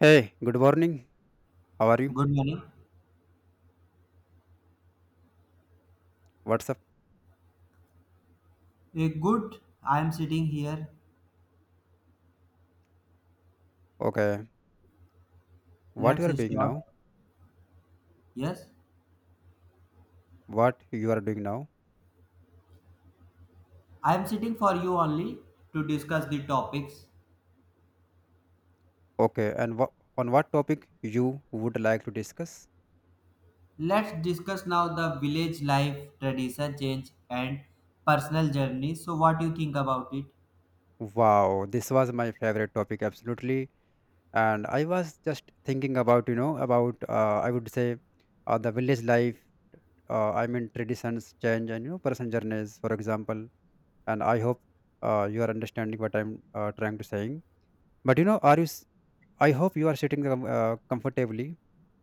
Hey, good morning. How are you? Good morning. What's up? Good. I am sitting here. Okay. What you Let's are doing start. now? Yes. What you are doing now? I am sitting for you only to discuss the topics. Okay. On what topic you would like to discuss? Let's discuss now the village life, tradition change, and personal journey. So, what do you think about it? Wow, this was my favorite topic absolutely. And I was just thinking about about I would say the village life. I mean traditions change and person journeys, for example. And I hope you are understanding what I'm trying to saying. But I hope you are sitting comfortably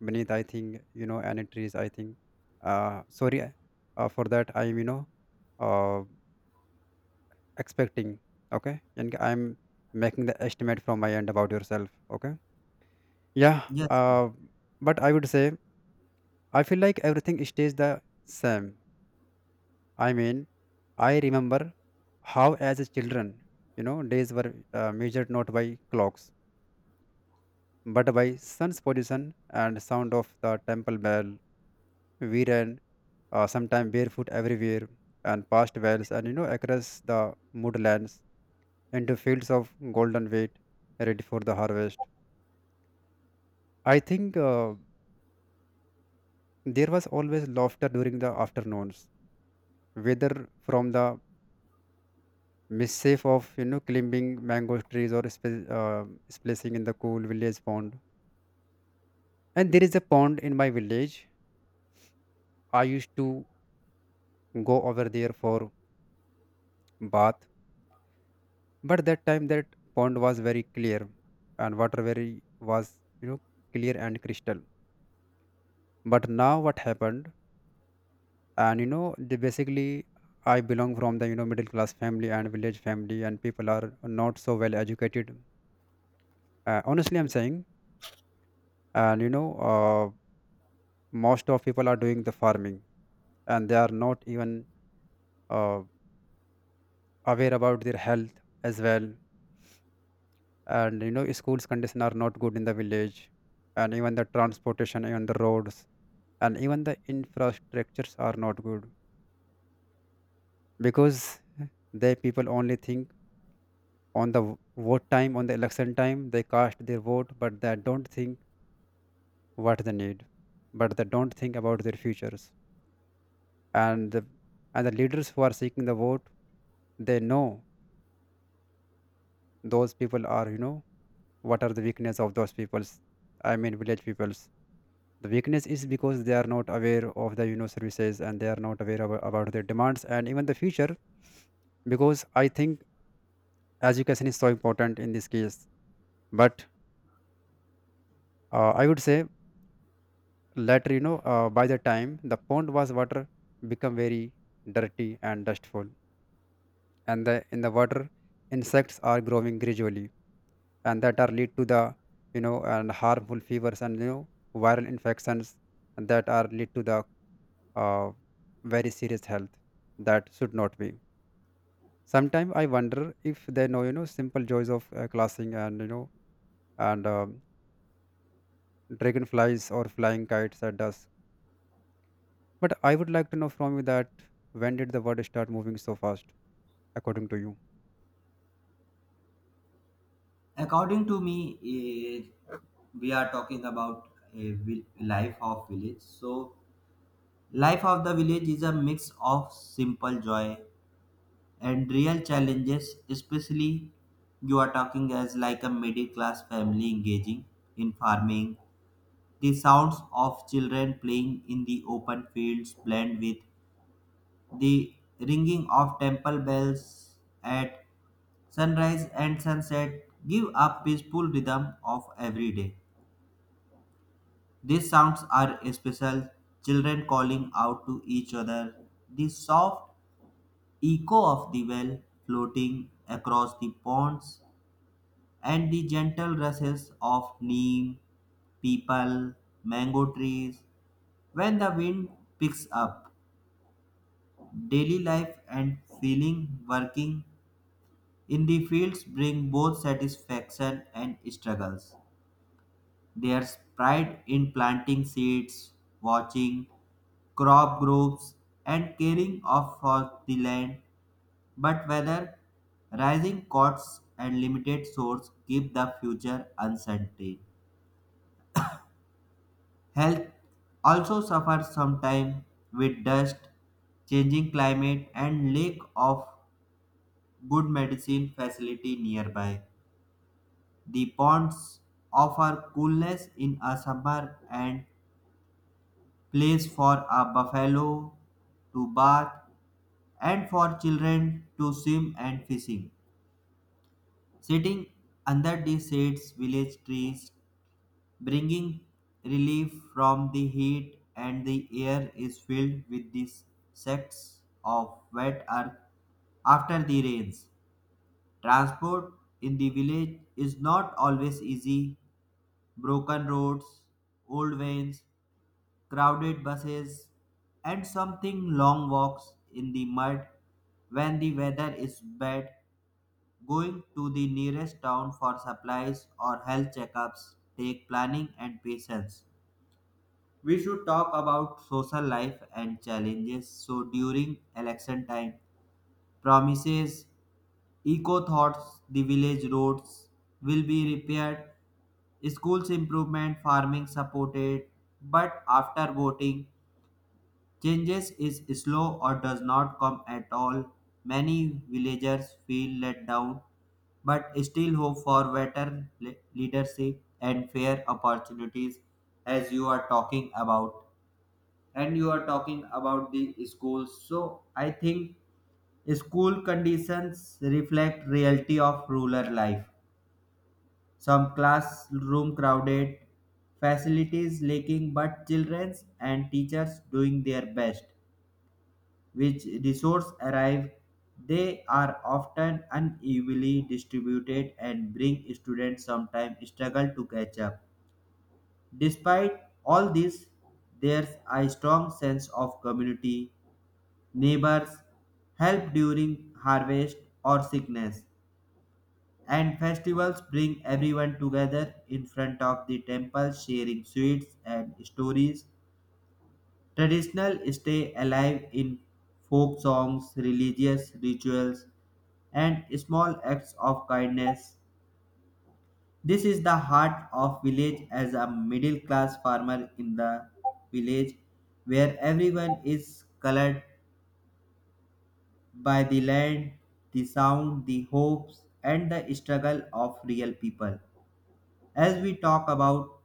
beneath, I think, any trees, I think. Sorry for that. I'm, uh, expecting, okay? And I'm making the estimate from my end about yourself, okay? Yeah, Yes. uh, but I would say I feel like everything stays the same. I mean, I remember how as a children, days were measured not by clocks, but by sun's position and sound of the temple bell. We ran sometime barefoot everywhere and past wells and across the moodlands into fields of golden wheat ready for the harvest. I think there was always laughter during the afternoons, whether from the mischief of climbing mango trees or splashing in the cool village pond. And there is a pond in my village. I used to go over there for bath, but that time that pond was very clear and water very was you know clear and crystal. But now what happened, and they basically, I belong from the middle class family and village family, and people are not so well educated. Honestly I'm saying, and uh, most of people are doing the farming, and they are not even uh, aware about their health as well. And schools condition are not good in the village, and even the transportation, even the roads, and even the infrastructures are not good, because they people only think on the vote time, on the election time they cast their vote, but they don't think what they need, but they don't think about their futures. And the, and the leaders who are seeking the vote, they know those people are, what are the weakness of those peoples, I mean village peoples. The weakness is because they are not aware of the services, and they are not aware about their demands and even the future, because I think education is so important in this case. But I would say later, by the time the pond was water become very dirty and dustful, and the in the water insects are growing gradually, and that are lead to the and harmful fevers and viral infections, and that are lead to the uh, very serious health that should not be. Sometimes I wonder if they know simple joys of classing and and um dragonflies or flying kites at dusk. But I would like to know from you that when did the world start moving so fast, according to you? According to me, we are talking about a life of village. So, life of the village is a mix of simple joy and real challenges, especially you are talking as like a middle class family engaging in farming. The sounds of children playing in the open fields blend with the ringing of temple bells at sunrise and sunset give a peaceful rhythm of every day. These sounds are special, children calling out to each other, the soft echo of the well floating across the ponds and the gentle rushes of neem, people, mango trees. When the wind picks up, daily life and feeling working in the fields bring both satisfaction and struggles. There's pride in planting seeds, watching crop groups, and caring of for the land. But whether rising costs and limited source keep the future uncertain. Health also suffers sometimes with dust, changing climate, and lack of good medicine facility nearby. The ponds offer coolness in a summer and place for a buffalo to bath and for children to swim and fishing. Sitting under the shades, village trees bringing relief from the heat, and the air is filled with the scents of wet earth after the rains. Transport in the village is not always easy. Broken roads, old vans, crowded buses, and something long walks in the mud when the weather is bad. Going to the nearest town for supplies or health checkups take planning and patience. We should talk about social life and challenges. So during election time, promises, eco thoughts, the village roads will be repaired, schools improvement, farming supported, but after voting, changes is slow or does not come at all. Many villagers feel let down, but still hope for better leadership and fair opportunities as you are talking about, and you are talking about the schools, so I think school conditions reflect reality of rural life. Some classroom crowded, facilities lacking, but children and teachers doing their best. Which resource arrive, they are often unevenly distributed and bring students sometimes struggle to catch up. Despite all this, there's a strong sense of community. Neighbors help during harvest or sickness, and festivals bring everyone together in front of the temple sharing sweets and stories. Traditional stay alive in folk songs, religious rituals, and small acts of kindness. This is the heart of village as a middle class farmer in the village where everyone is colored by the land, the sound, the hopes, and the struggle of real people. As we talk about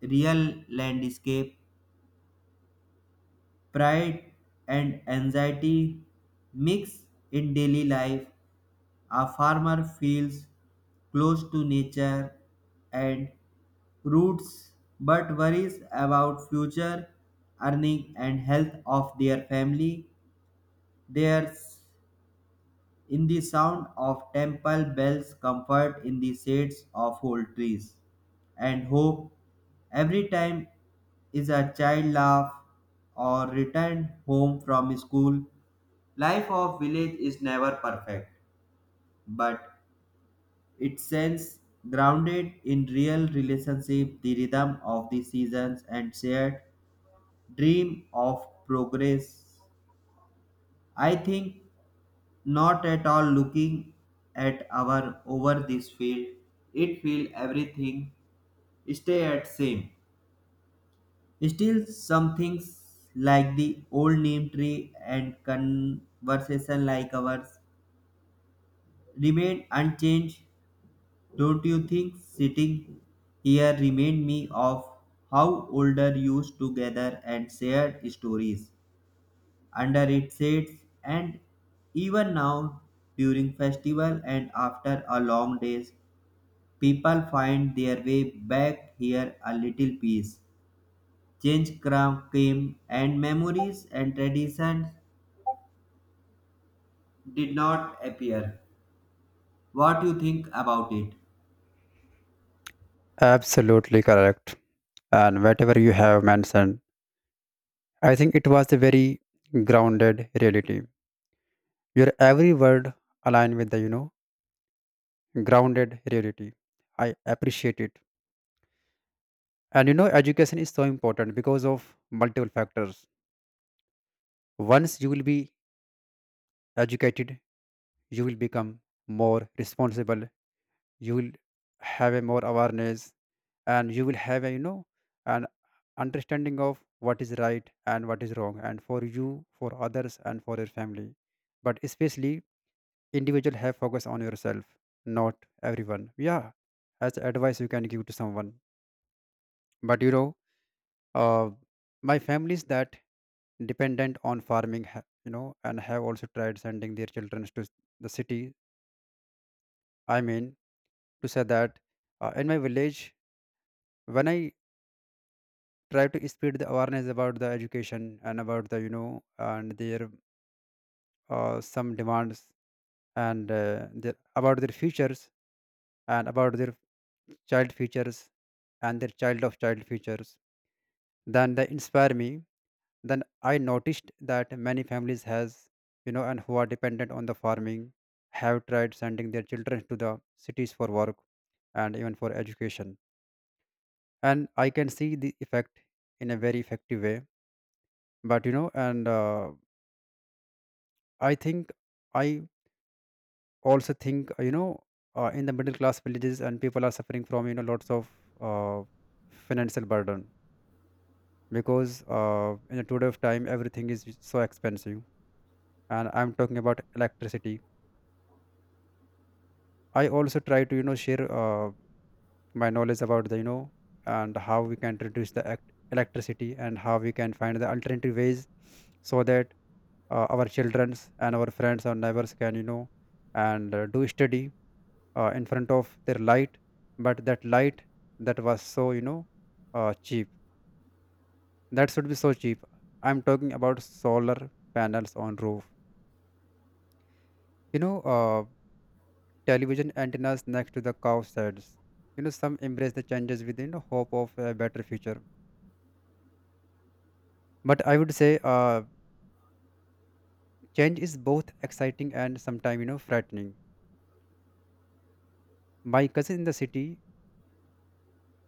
real landscape, pride and anxiety mix in daily life. A farmer feels close to nature and roots but worries about future earning and health of their family their. In the sound of temple bells, comfort in the shades of old trees, and hope every time is a child laugh or returned home from school. Life of village is never perfect, but it sends grounded in real relationship, the rhythm of the seasons and shared dream of progress. I think not at all looking at our over this field, it feel everything stay at same. Still some things like the old name tree and conversation like ours remain unchanged. Don't you think sitting here remind me of how older used to gather and share stories under its shades, and even now during festival and after a long days people find their way back here a little peace. Came and memories and traditions did not appear. What you think about it? Absolutely correct. And whatever you have mentioned, I think it was a very grounded reality. Your every word aligned with the, grounded reality. I appreciate it. And education is so important because of multiple factors. Once you will be educated, you will become more responsible, you will have a more awareness, and you will have a an understanding of what is right and what is wrong, and for you, for others, and for your family. But especially individual have focus on yourself, not everyone, yeah, as advice you can give to someone. But uh, my families that dependent on farming and have also tried sending their children to the city. I mean to say that in my village, when I try to spread the awareness about the education and about the and their some demands, and about their futures, and about their child futures, and their child of child futures, then they inspire me. Then I noticed that many families has and who are dependent on the farming have tried sending their children to the cities for work and even for education, and I can see the effect in a very effective way. But you know and I think I also think in the middle class villages and people are suffering from lots of uh, financial burden, because in the today of time everything is so expensive, and I'm talking about electricity. I also try to share my knowledge about the and how we can reduce the electricity and how we can find the alternative ways so that our childrens and our friends and neighbors can you know and do study in front of their light. But that light, that was so cheap, that should be so cheap. I'm talking about solar panels on roof, you know uh, television antennas next to the cow sheds. Some embrace the changes within the hope of a better future. But I would say change is both exciting and sometimes frightening. My cousin in the city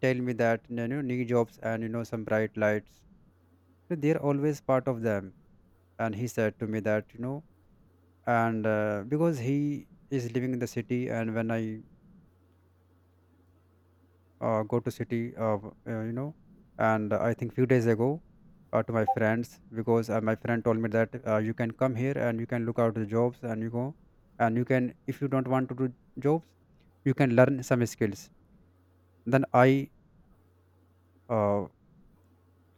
tell me that new jobs and some bright lights, they're always part of them. And he said to me that you know and because he is living in the city, and when I go to city of and I think few days ago to my friends, because my friend told me that you can come here and you can look out the jobs and you go, and you can, if you don't want to do jobs, you can learn some skills. Then I uh,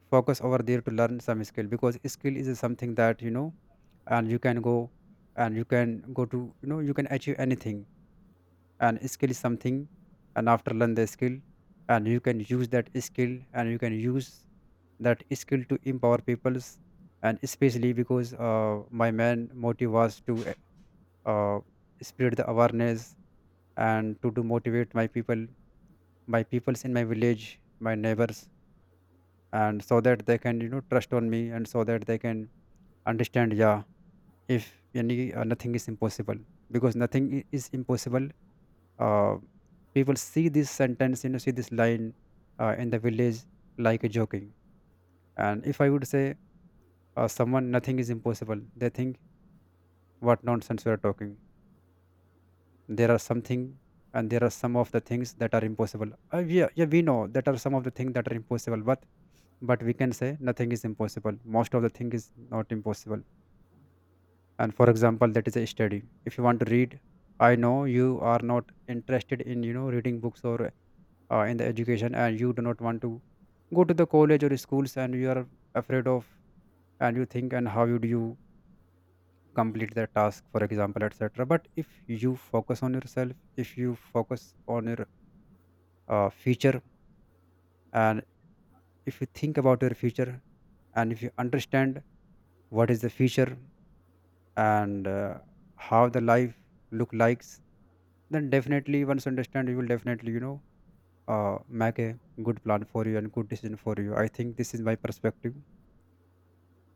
focus over there to learn some skill, because skill is something that and you can go, and you can go to you can achieve anything. And skill is something, and after learn the skill, and you can use that skill, and you can use that skill to empower peoples. And especially, because my main motive was to uh, spread the awareness and to motivate my people, my peoples in my village, my neighbors, and so that they can trust on me, and so that they can understand, yeah, if any nothing is impossible, because nothing is impossible. uh, People see this sentence, see this line in the village like a joking. And if I would say someone nothing is impossible, they think what nonsense we are talking. There are something, and there are some of the things that are impossible, yeah, yeah, we know that are some of the things that are impossible, but we can say nothing is impossible, most of the thing is not impossible. And for example, that is a study, if you want to read, I know you are not interested in reading books, or in the education, and you do not want to go to the college or schools, and you are afraid of, and you think, and how would you complete the task, for example, etc. But if you focus on yourself, if you focus on your future, and if you think about your future, and if you understand what is the future, and how the life look likes, then definitely once you understand you will definitely make a good plan for you and good decision for you. I think this is my perspective.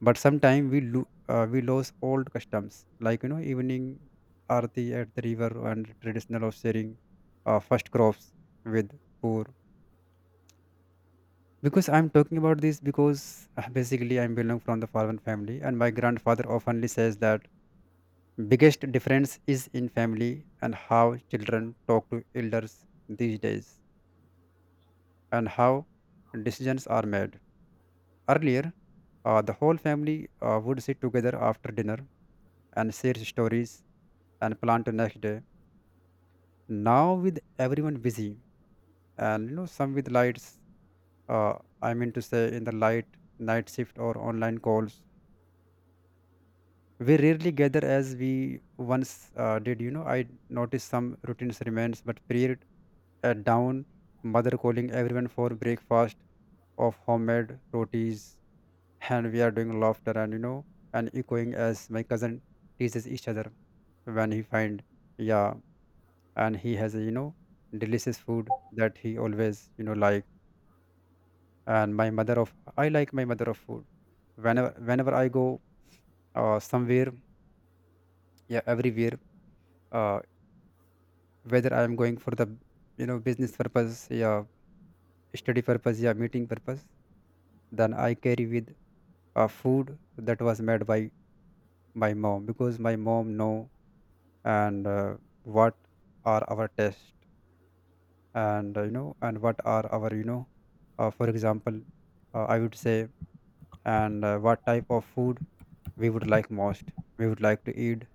But sometimes we lose old customs like evening arati at the river and traditional of sharing first crops with poor. Because I'm talking about this because basically I belong from the farmer family, and my grandfather oftenly says that biggest difference is in family, and how children talk to elders these days, and how decisions are made. Earlier, the whole family would sit together after dinner and share stories and plan to next day. Now with everyone busy, and some with lights, uh, I mean to say in the light, night shift or online calls, we rarely gather as we once did. You know, I noticed some routines remains, but period at down, mother calling everyone for breakfast of homemade rotis, and we are doing laughter and and echoing as my cousin teases each other when he find, yeah, and he has a delicious food that he always, you know, like, and my mother of, I like my mother of food whenever I go somewhere, yeah, everywhere. uh, Whether I am going for the, you know, business purpose, yeah, study purpose, yeah, meeting purpose, then I carry with food that was made by my mom, because my mom know and, what are our taste, and, you know, and what are our, you know, for example, I would say, and, what type of food we would like most, we would like to eat,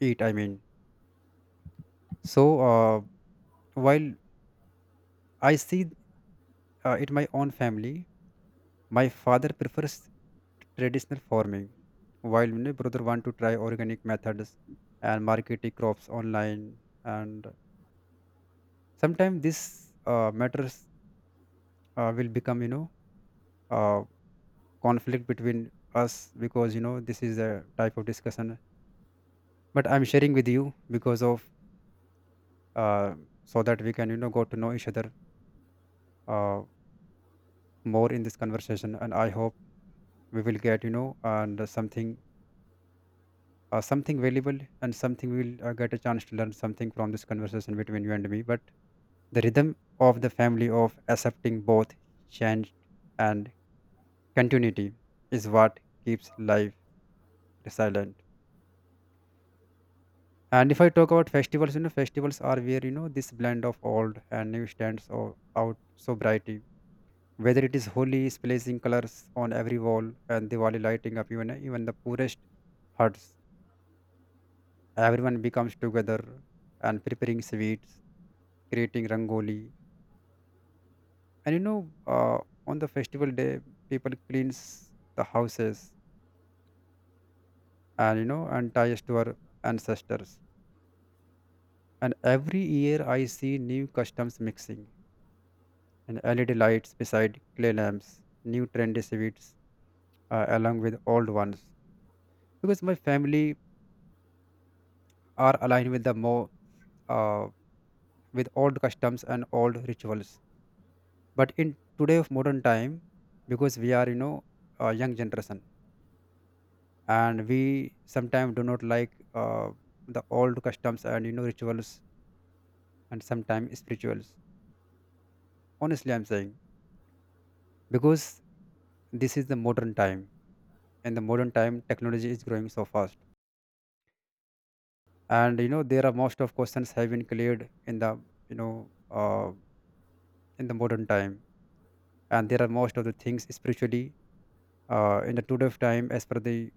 eat I mean. So, uh, while I see it my own family, my father prefers traditional farming while my brother want to try organic methods and marketing crops online, and sometimes this matters will become, you know, uh, conflict between us, because, you know, this is a type of discussion. But I'm sharing with you because of, uh, so that we can, you know, go to know each other uh, more in this conversation, and I hope we will get, you know, and, something, something valuable, and something we will, get a chance to learn something from this conversation between you and me. But the rhythm of the family of accepting both change and continuity is what keeps life resilient. And if I talk about festivals, you know, festivals are where, you know, this blend of old and new stands out so bright. Whether it is Holi splashing colors on every wall and Diwali lighting up even the poorest huts, everyone becomes together and preparing sweets, creating rangoli. And you know, on the festival day, people cleans the houses, and and ties to our ancestors. And every year, I see new customs mixing, and LED lights beside clay lamps, new trendy sweets along with old ones. Because my family are aligned with the more, uh, with old customs and old rituals. But in today of modern time, because we are, you know, a young generation, and we sometimes do not like, the old customs and, you know, rituals, and sometimes spirituals. Honestly, I'm saying, because this is the modern time. And the modern time, technology is growing so fast, and you know there are most of questions have been cleared in the, you know, uh, in the modern time, and there are most of the things spiritually in the today of time as per the,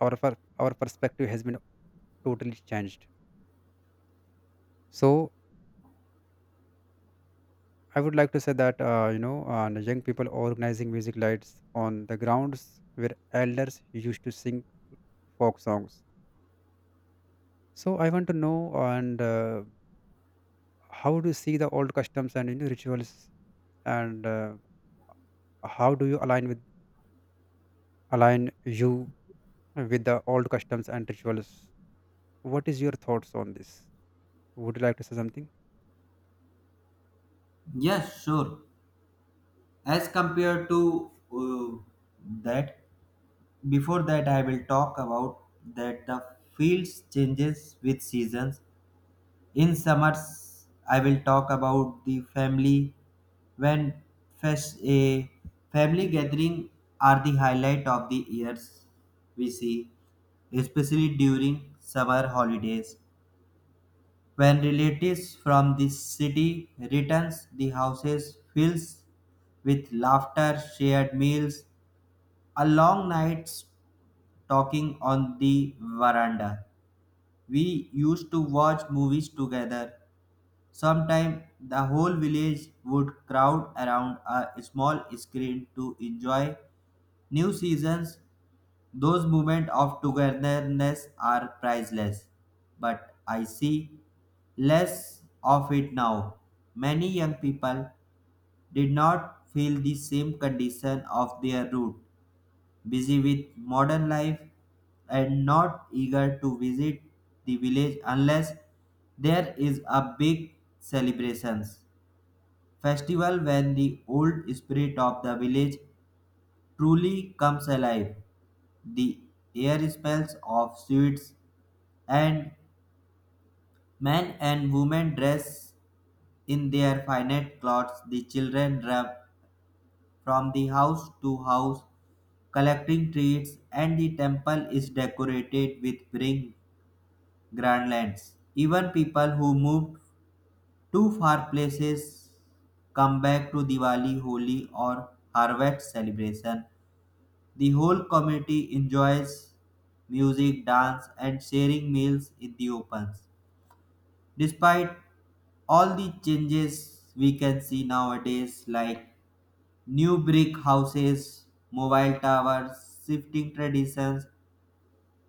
our perspective has been totally changed. So I would like to say that, you know, the young people organizing music lights on the grounds where elders used to sing folk songs. So I want to know, and, how do you see the old customs and, you know, rituals, and, how do you align with, align you with the old customs and rituals? What is your thoughts on this? Would you like to say something? Yes, sure. As compared to uh, that, before that I will talk about that the fields changes with seasons. In summers, I will talk about the family when a family gathering are the highlight of the years we see, especially during summer holidays. When relatives from the city returns, the houses fills with laughter, shared meals, a long nights talking on the veranda. We used to watch movies together. Sometimes the whole village would crowd around a small screen to enjoy new seasons. Those moments of togetherness are priceless, but I see less of it now. Many young people did not feel the same condition of their root, busy with modern life and not eager to visit the village unless there is a big celebrations festival when the old spirit of the village truly comes alive. The air smells of sweets, and men and women dress in their finest clothes. The children run from the house to house collecting treats, and the temple is decorated with spring garlands. Even people who moved to far places come back to Diwali, Holi, or harvest celebration. The whole community enjoys music, dance, and sharing meals in the opens. Despite all the changes we can see nowadays, like new brick houses, mobile towers, shifting traditions,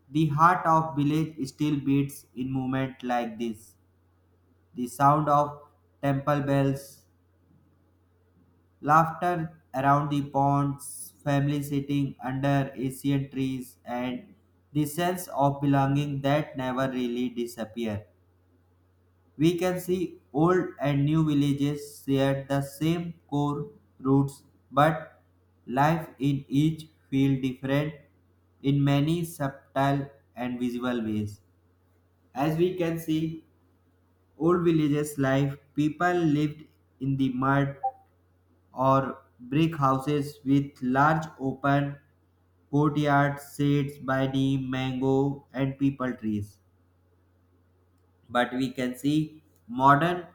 the heart of village still beats in movement like this. The sound of temple bells, laughter around the ponds, family sitting under ancient trees, and the sense of belonging that never really disappear. We can see old and new villages share the same core roots, but life in each feel different in many subtle and visible ways. As we can see, old villages life, people lived in the mud or brick houses with large open courtyards shaded by neem, mango, and people trees. But we can see modern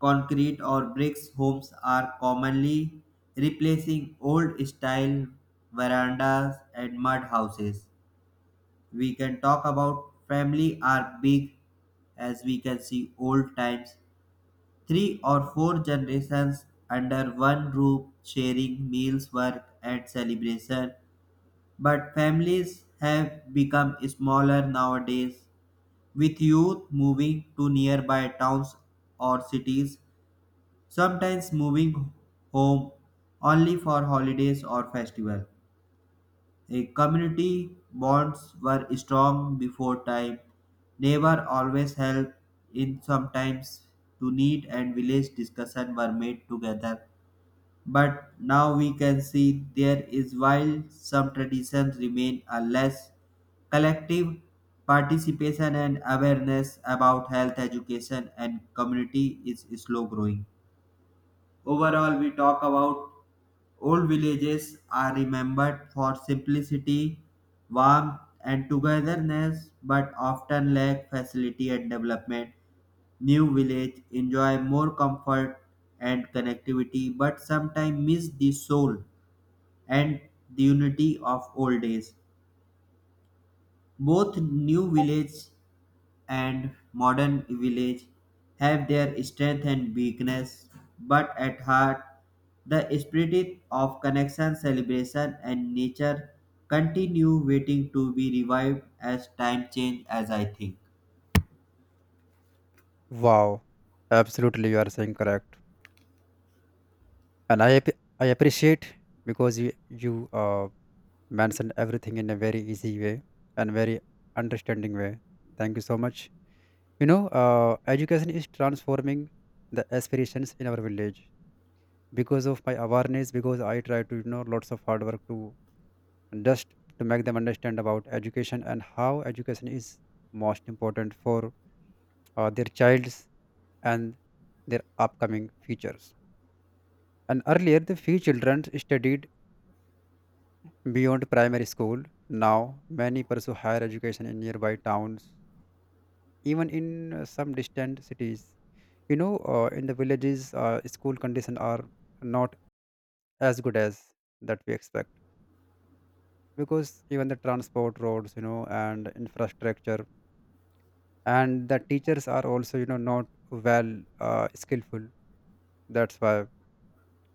concrete or bricks homes are commonly replacing old style verandas and mud houses. We can talk about family are big. As we can see old times, three or four generations under one roof sharing meals, work, and celebration. But families have become smaller nowadays, with youth moving to nearby towns or cities, sometimes moving home only for holidays or festival. A community bonds were strong before time. Neighbor always helped in sometimes to need and village discussion were made together, but now we can see there is while some traditions remain a less collective participation and awareness about health education and community is slow growing. Overall we talk about old villages are remembered for simplicity, warmth, and togetherness, but often lack facility and development. New villages enjoy more comfort and connectivity, but sometimes miss the soul and the unity of old days. Both new villages and modern village have their strength and weakness, but at heart, the spirit of connection, celebration, and nature continue waiting to be revived as time change as I think. Wow, absolutely, you are saying correct, and I appreciate, because you uh, mentioned everything in a very easy way and very understanding way. Thank you so much. You know, education is transforming the aspirations in our village. Because of my awareness, because I try to, you know, lots of hard work to just to make them understand about education and how education is most important for their childs and their upcoming futures. And earlier the few children studied beyond primary school, now many pursue higher education in nearby towns, even in some distant cities. You know, in the villages, school conditions are not as good as that we expect, because even the transport roads, you know, and infrastructure, and the teachers are also, you know, not well skillful. That's why,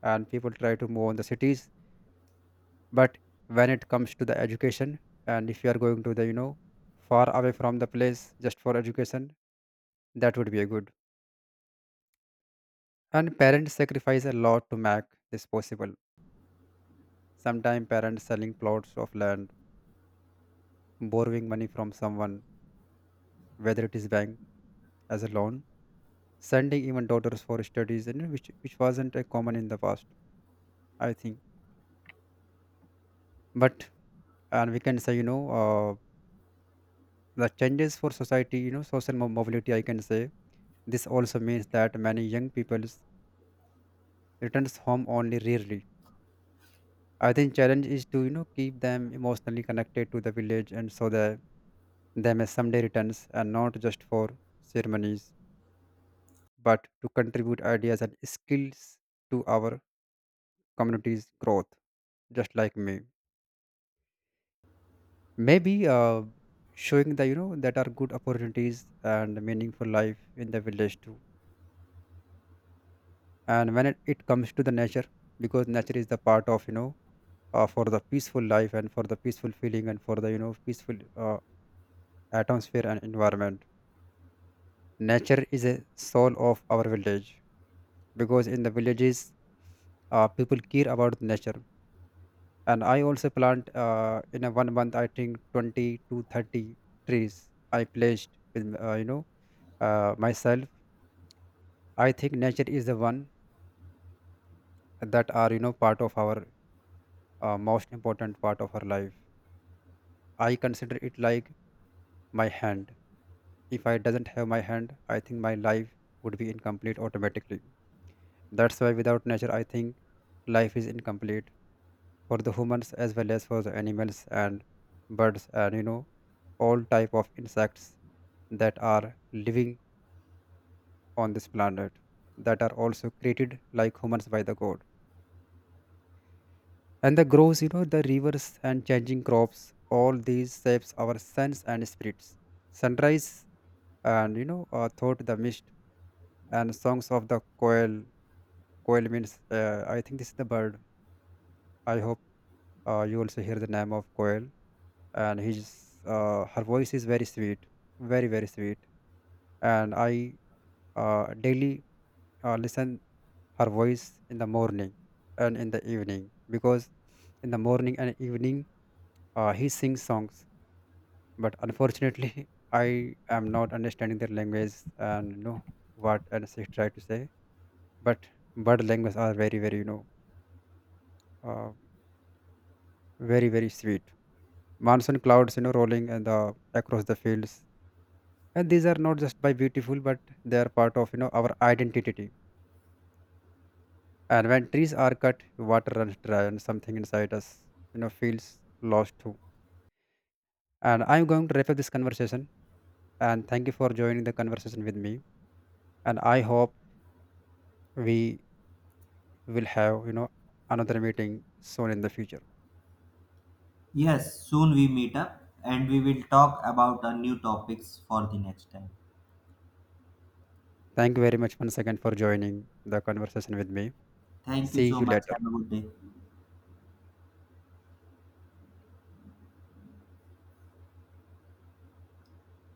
and people try to move on the cities. But when it comes to the education, and if you are going to the, you know, far away from the place just for education, that would be a good. And parents sacrifice a lot to make this possible, sometimes parents selling plots of land, borrowing money from someone, whether it is bank as a loan, sending even daughters for studies, and which wasn't a common in the past, I think. But, and we can say, you know, the changes for society, you know, social mobility I can say, this also means that many young people returns home only rarely. I think challenge is to, you know, keep them emotionally connected to the village, and so that they may someday returns and not just for ceremonies, but to contribute ideas and skills to our community's growth. Just like me, maybe, showing the, you know, that are good opportunities and meaningful life in the village too. And when it comes to the nature, because nature is the part of, you know, for the peaceful life, and for the peaceful feeling, and for the, you know, peaceful atmosphere and environment. Nature is a soul of our village, because in the villages, people care about nature. And I also plant in a 1 month, I think 20 to 30 trees I placed with, you know, myself. I think nature is the one that are, you know, part of our, most important part of our life. I consider it like my hand. If I doesn't have my hand, I think my life would be incomplete automatically. That's why without nature, I think life is incomplete for the humans as well as for the animals and birds, and you know, all type of insects that are living on this planet, that are also created like humans by the god. And the groves, you know, the rivers and changing crops, all these shapes our sense and spirits. Sunrise and, you know, thought the mist and songs of the quail. Quail means, I think this is the bird, I hope. You also hear the name of Koel, and he's, her voice is very sweet, very sweet. And I, daily listen her voice in the morning and in the evening, because in the morning and evening, he sings songs. But unfortunately, I am not understanding their language, and you know what and she try to say. But bird language are very you know, uh, very sweet. Monsoon clouds, you know, rolling and the across the fields, and these are not just by beautiful, but they are part of, you know, our identity. And when trees are cut, water runs dry, and something inside us, you know, feels lost too. And I'm going to wrap up this conversation, and thank you for joining the conversation with me. And I hope we will have, you know, another meeting soon in the future. Yes, soon we meet up and we will talk about our new topics for the next time. Thank you very much once again for joining the conversation with me. Thank you See so you much. later. Have a good day.